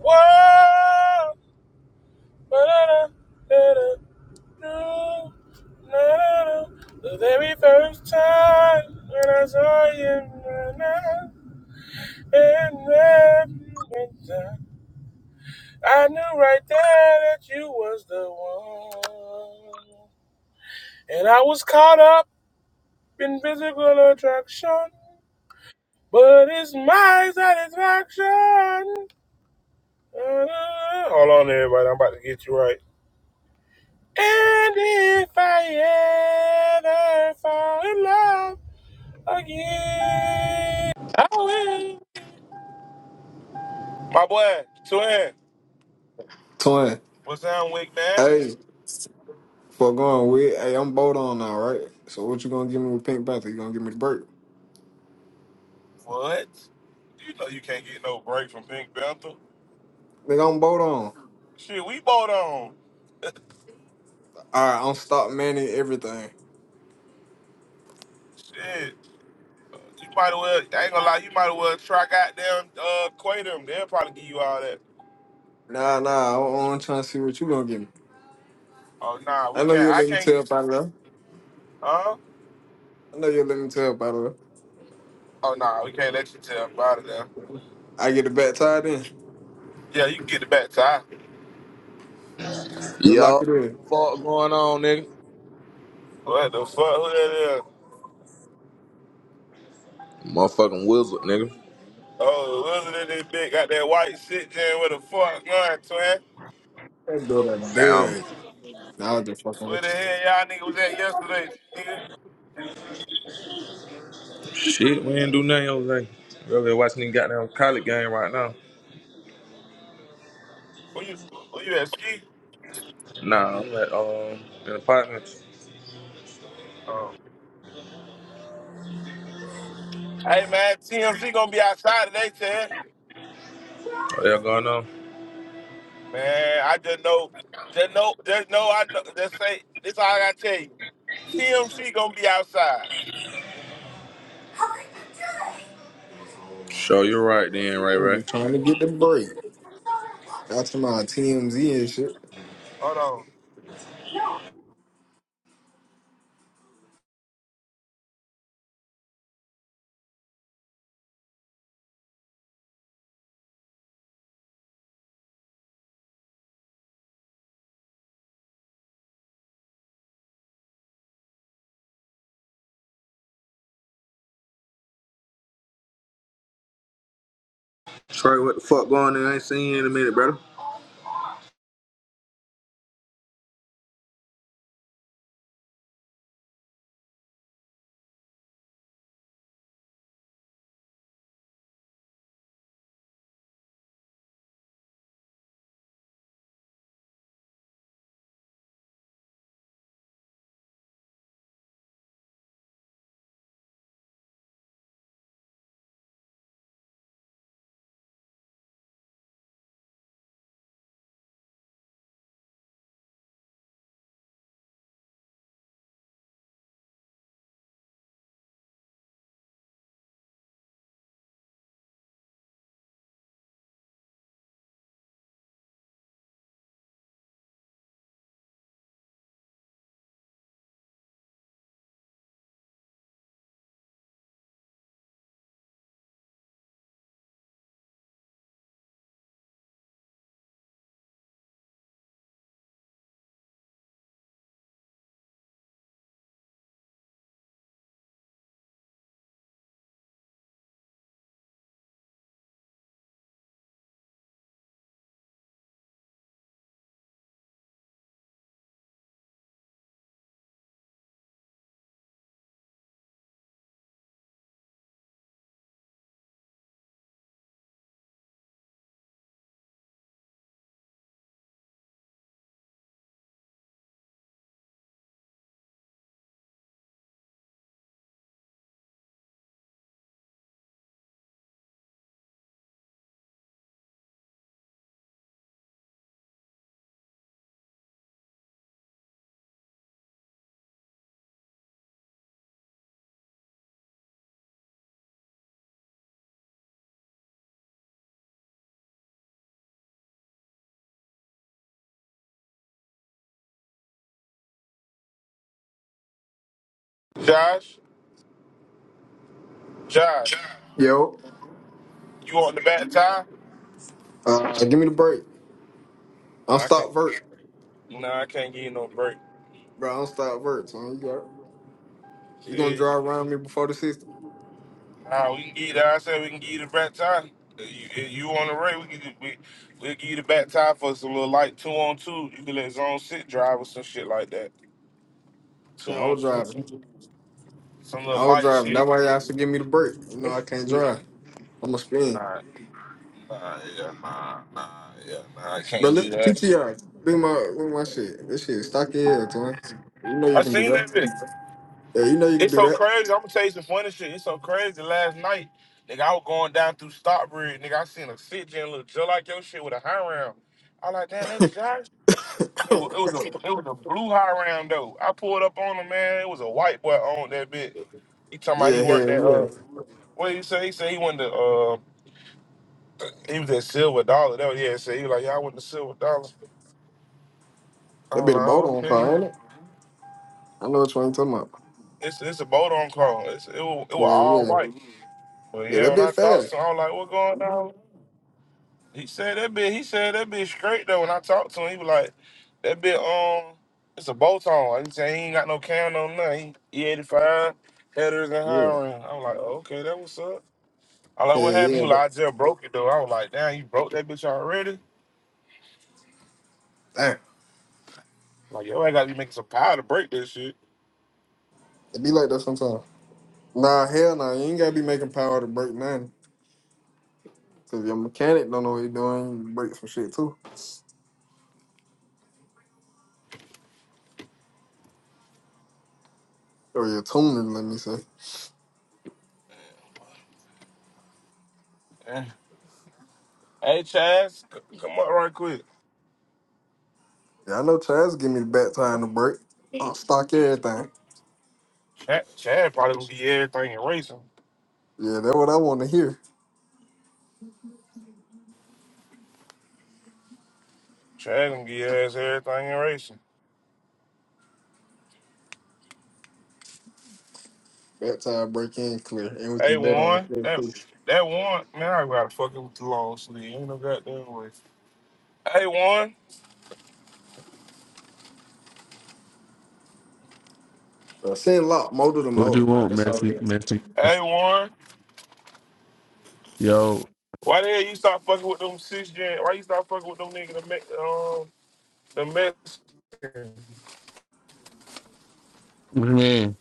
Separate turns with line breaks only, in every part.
Wow. The very first time when I saw you, and then you went down. I knew right there that you was the one. And I was caught up in physical attraction, but it's my satisfaction. Hold on, everybody. I'm about to get you right. And if I ever fall in love again, I will. My boy, twin.
Twin,
What's down, Wick, man?
hey, for going with, hey, I'm bold on now, right? So what you gonna give me with Pink Panther? You gonna give me the break?
What? You know you can't get no break from Pink Panther.
Nigga, I'm bold on.
Shit, we both on.
All right, I'm stop manning everything.
Shit. You might as well, I ain't gonna lie, you might as well try goddamn uh, Quay them. They'll probably give you all that.
Nah, nah, I'm, I'm trying to see what you gonna give me.
Oh, nah,
I
we
know
can't.
you'll
I
let me
can't.
tell by the
Huh?
I know you'll let me tell by the
Oh, nah, we can't let you tell about it now.
I get the back tied in.
Yeah, you can get it back, Ty.
You'll lock
Yo,
it in.
what the fuck going on, nigga?
What the fuck? Who that is?
Motherfucking wizard, nigga.
Oh, the wizard in this bitch got that white shit jam with a fuck gun, twin.
That's what I
Damn.
did. Nah, I was just fucking
Where
with
the
you.
hell y'all nigga was at yesterday, nigga?
Shit, we ain't do nothing all day. Really watching the goddamn college game right now.
Who you, who you at, Ski?
Nah, I'm at, um, in apartments.
Oh. Hey, man, TMZ gonna be outside today, twin.
What y'all going on?
Man, I just know, just know, just know, I know, just say, this all I gotta tell you. TMZ gonna be outside.
Sure, you're right then, Ray
I'm
Ray.
just trying to get the break. That's my TMZ and shit.
Hold on.
Trey, what the fuck going on? I ain't seen you in a minute, brother.
Josh, Josh,
Yo,
you want the back tie?
uh, give me the break. I'm
I can't,
stop vert.
nah, I can't give you no break.
Bro, I'm stop vert, son. You got it. You gonna
Shit,
drive around me before the sixty?
Nah, we can give you the, I said we can give you the back tie. You, you on the right, we can we, we'll give you the back tie for some little light two on two. You can let zone sit drive or some shit like that. Two
Shit, I
on
was
two.
driving.
Some
I
little
was
light
driving.
shit.
That's why y'all should give me the break. You know I can't drive. I'm a spin.
Nah, nah, yeah, nah, nah, yeah, nah, I
But
can't
look,
do that.
PTR, look at my look at my shit. This shit is stocky hell, twin. You know you
I
can do
seen
that.
that bitch.
Yeah, you know you can
It's
do
so
that.
crazy. I'm gonna tell you some funny shit. It's so crazy. Last night, nigga, I was going down through Stockbridge, nigga. I seen a sit gen look just like your shit with a high round. I like, damn, that's Josh. It was, it was a it was a blue high round though. I pulled up on him, man. It was a white boy on that bit. He talking about
yeah,
he worked
hell
at
yeah.
uh what he say? He said he went to uh he was at Silver Dollar. That was yeah, so he was like, Yeah, I went to Silver Dollar. I
That be the boat
was like,
on
okay,
car, ain't
yeah.
it? I know what you ain't talking about.
It's it's a boat on call. It's it was, it was
Hell
all
yeah.
white. But
Yeah,
yeah,
that
when
be
I talked
fast.
to him, I was like, What going on? He said that bit. He said that bit straight though. When I talked to him, he was like, "That bit, um, it's a bolt on." He said he ain't got no can on nothing. He, he 85 headers and
Yeah.
hiring. I'm like, oh, okay, that what's up. I
Hell
like, what happened?
yeah.
He was
That,
like, I just broke it though. I was like, damn, you broke that bitch already?
damn.
Like, yo, I gotta be making some power to break this shit.
It be like that sometimes. Nah, hell nah. You ain't gotta be making power to break nothing. Cause your mechanic don't know what he doing. You break some shit too. or your tuning, let me say.
Eh. Hey, Chaz, c- come up right quick.
Yeah, I know Chaz give me the back time to break. I'll stock everything.
Chad, Chad probably gonna get everything in racing.
Yeah, that's what I want to hear.
Chad gonna get his everything in racing.
Back time break in clear, and we
Hey,
can bet on the
Warren.
clear
That,
too.
that Warren. Man, I gotta fuck it with the long sleeve. Ain't no goddamn way. Hey, Warren.
Uh, send lock motor to
What
motor.
you want,
That's all it
Messi?
is.
Messi?
Hey, Warren.
Yo,
Why the hell you stop fucking with them six gen? Why you stop fucking with them niggas? The me- um, the Mexican.
what you mean?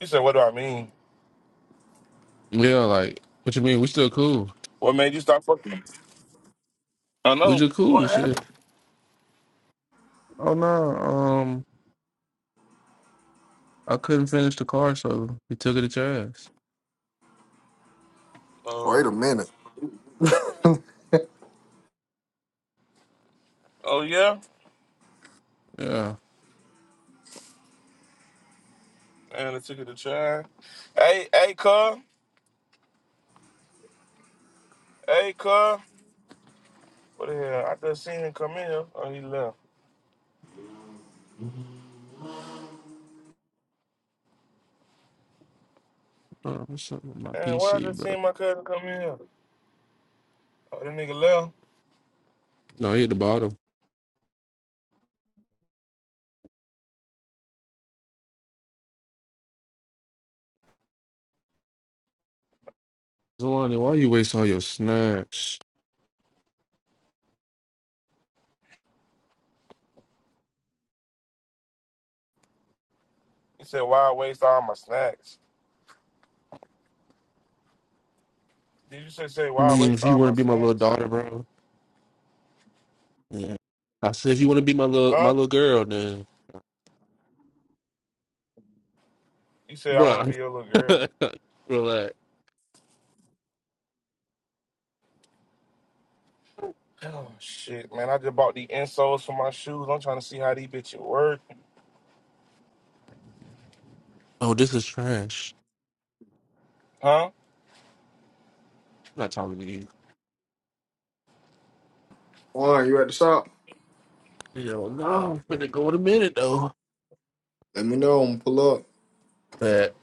You said, what do I mean?
Yeah, like, what you mean? We still cool.
What made you stop fucking? I
We
know.
just cool,
What happened?
shit. Oh no, um, I couldn't finish the car, so he took it at your ass.
Wait
Um.
a minute.
oh yeah.
Yeah,
And I took it to try. Hey, hey, cuz. Hey, cuz. What the hell? I just seen him come in here. Oh, he left.
uh, what's up with my
And why I
PC,
just
bro?
seen my cousin come in here? Oh, that nigga left.
No, he at the bottom. Zelani, why you waste all your snaps?
You said, why waste all my snacks? Did you say, say
I
why
mean, if
waste
you
all
want to
my
be my little
snacks?
daughter, bro. Yeah. I said, if you want to be my little my
Huh?
little girl, then,
You said, I want
bro,
to be your little girl.
relax.
Oh, shit, man. I just bought the insoles for my shoes. I'm trying to see how these bitches work.
Oh, this is trash.
Huh?
I'm not talking to you.
Juan, you at the shop?
Yo, no, I'm finna go in a minute though.
Let me know. I'm gonna pull up.
That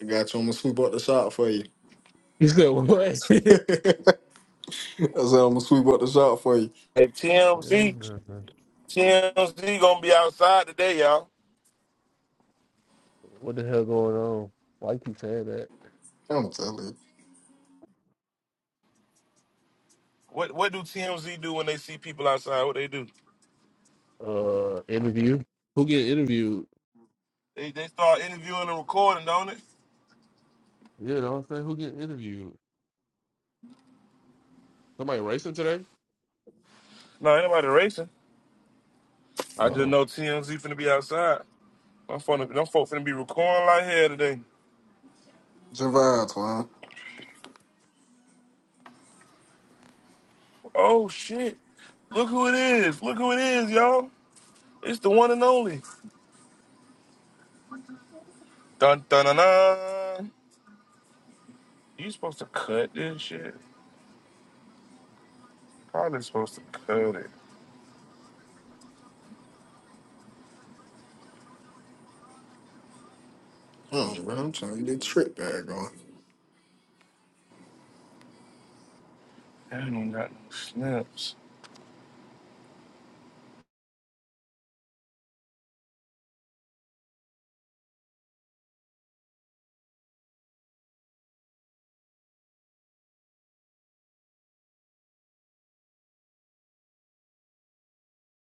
I got you. I'm gonna sweep up the shop for you.
he said what?
I said I'm gonna sweep up the shop for you.
Hey,
Hell
TMZ.
no!
TMZ going to be outside today, y'all.
What the hell going on? Why you keep saying that?
I'm telling you,
What what do TMZ do when they see people outside? What they do?
Uh, interview. Who get interviewed?
They, they start interviewing and recording, don't it?
Yeah, you know what I'm saying? Who get interviewed? Somebody racing today?
No, ain't nobody racing. I just know TMZ finna be outside. I'm finna, them folk finna be recording like hell today.
Javon, Juan.
Oh shit! Look who it is! Look who it is, y'all! It's the one and only. Dun dun dun dun. You supposed to cut this shit? Probably supposed to cut it.
Oh, bro, I'm trying to get a trick bag on.
I don't got no snips.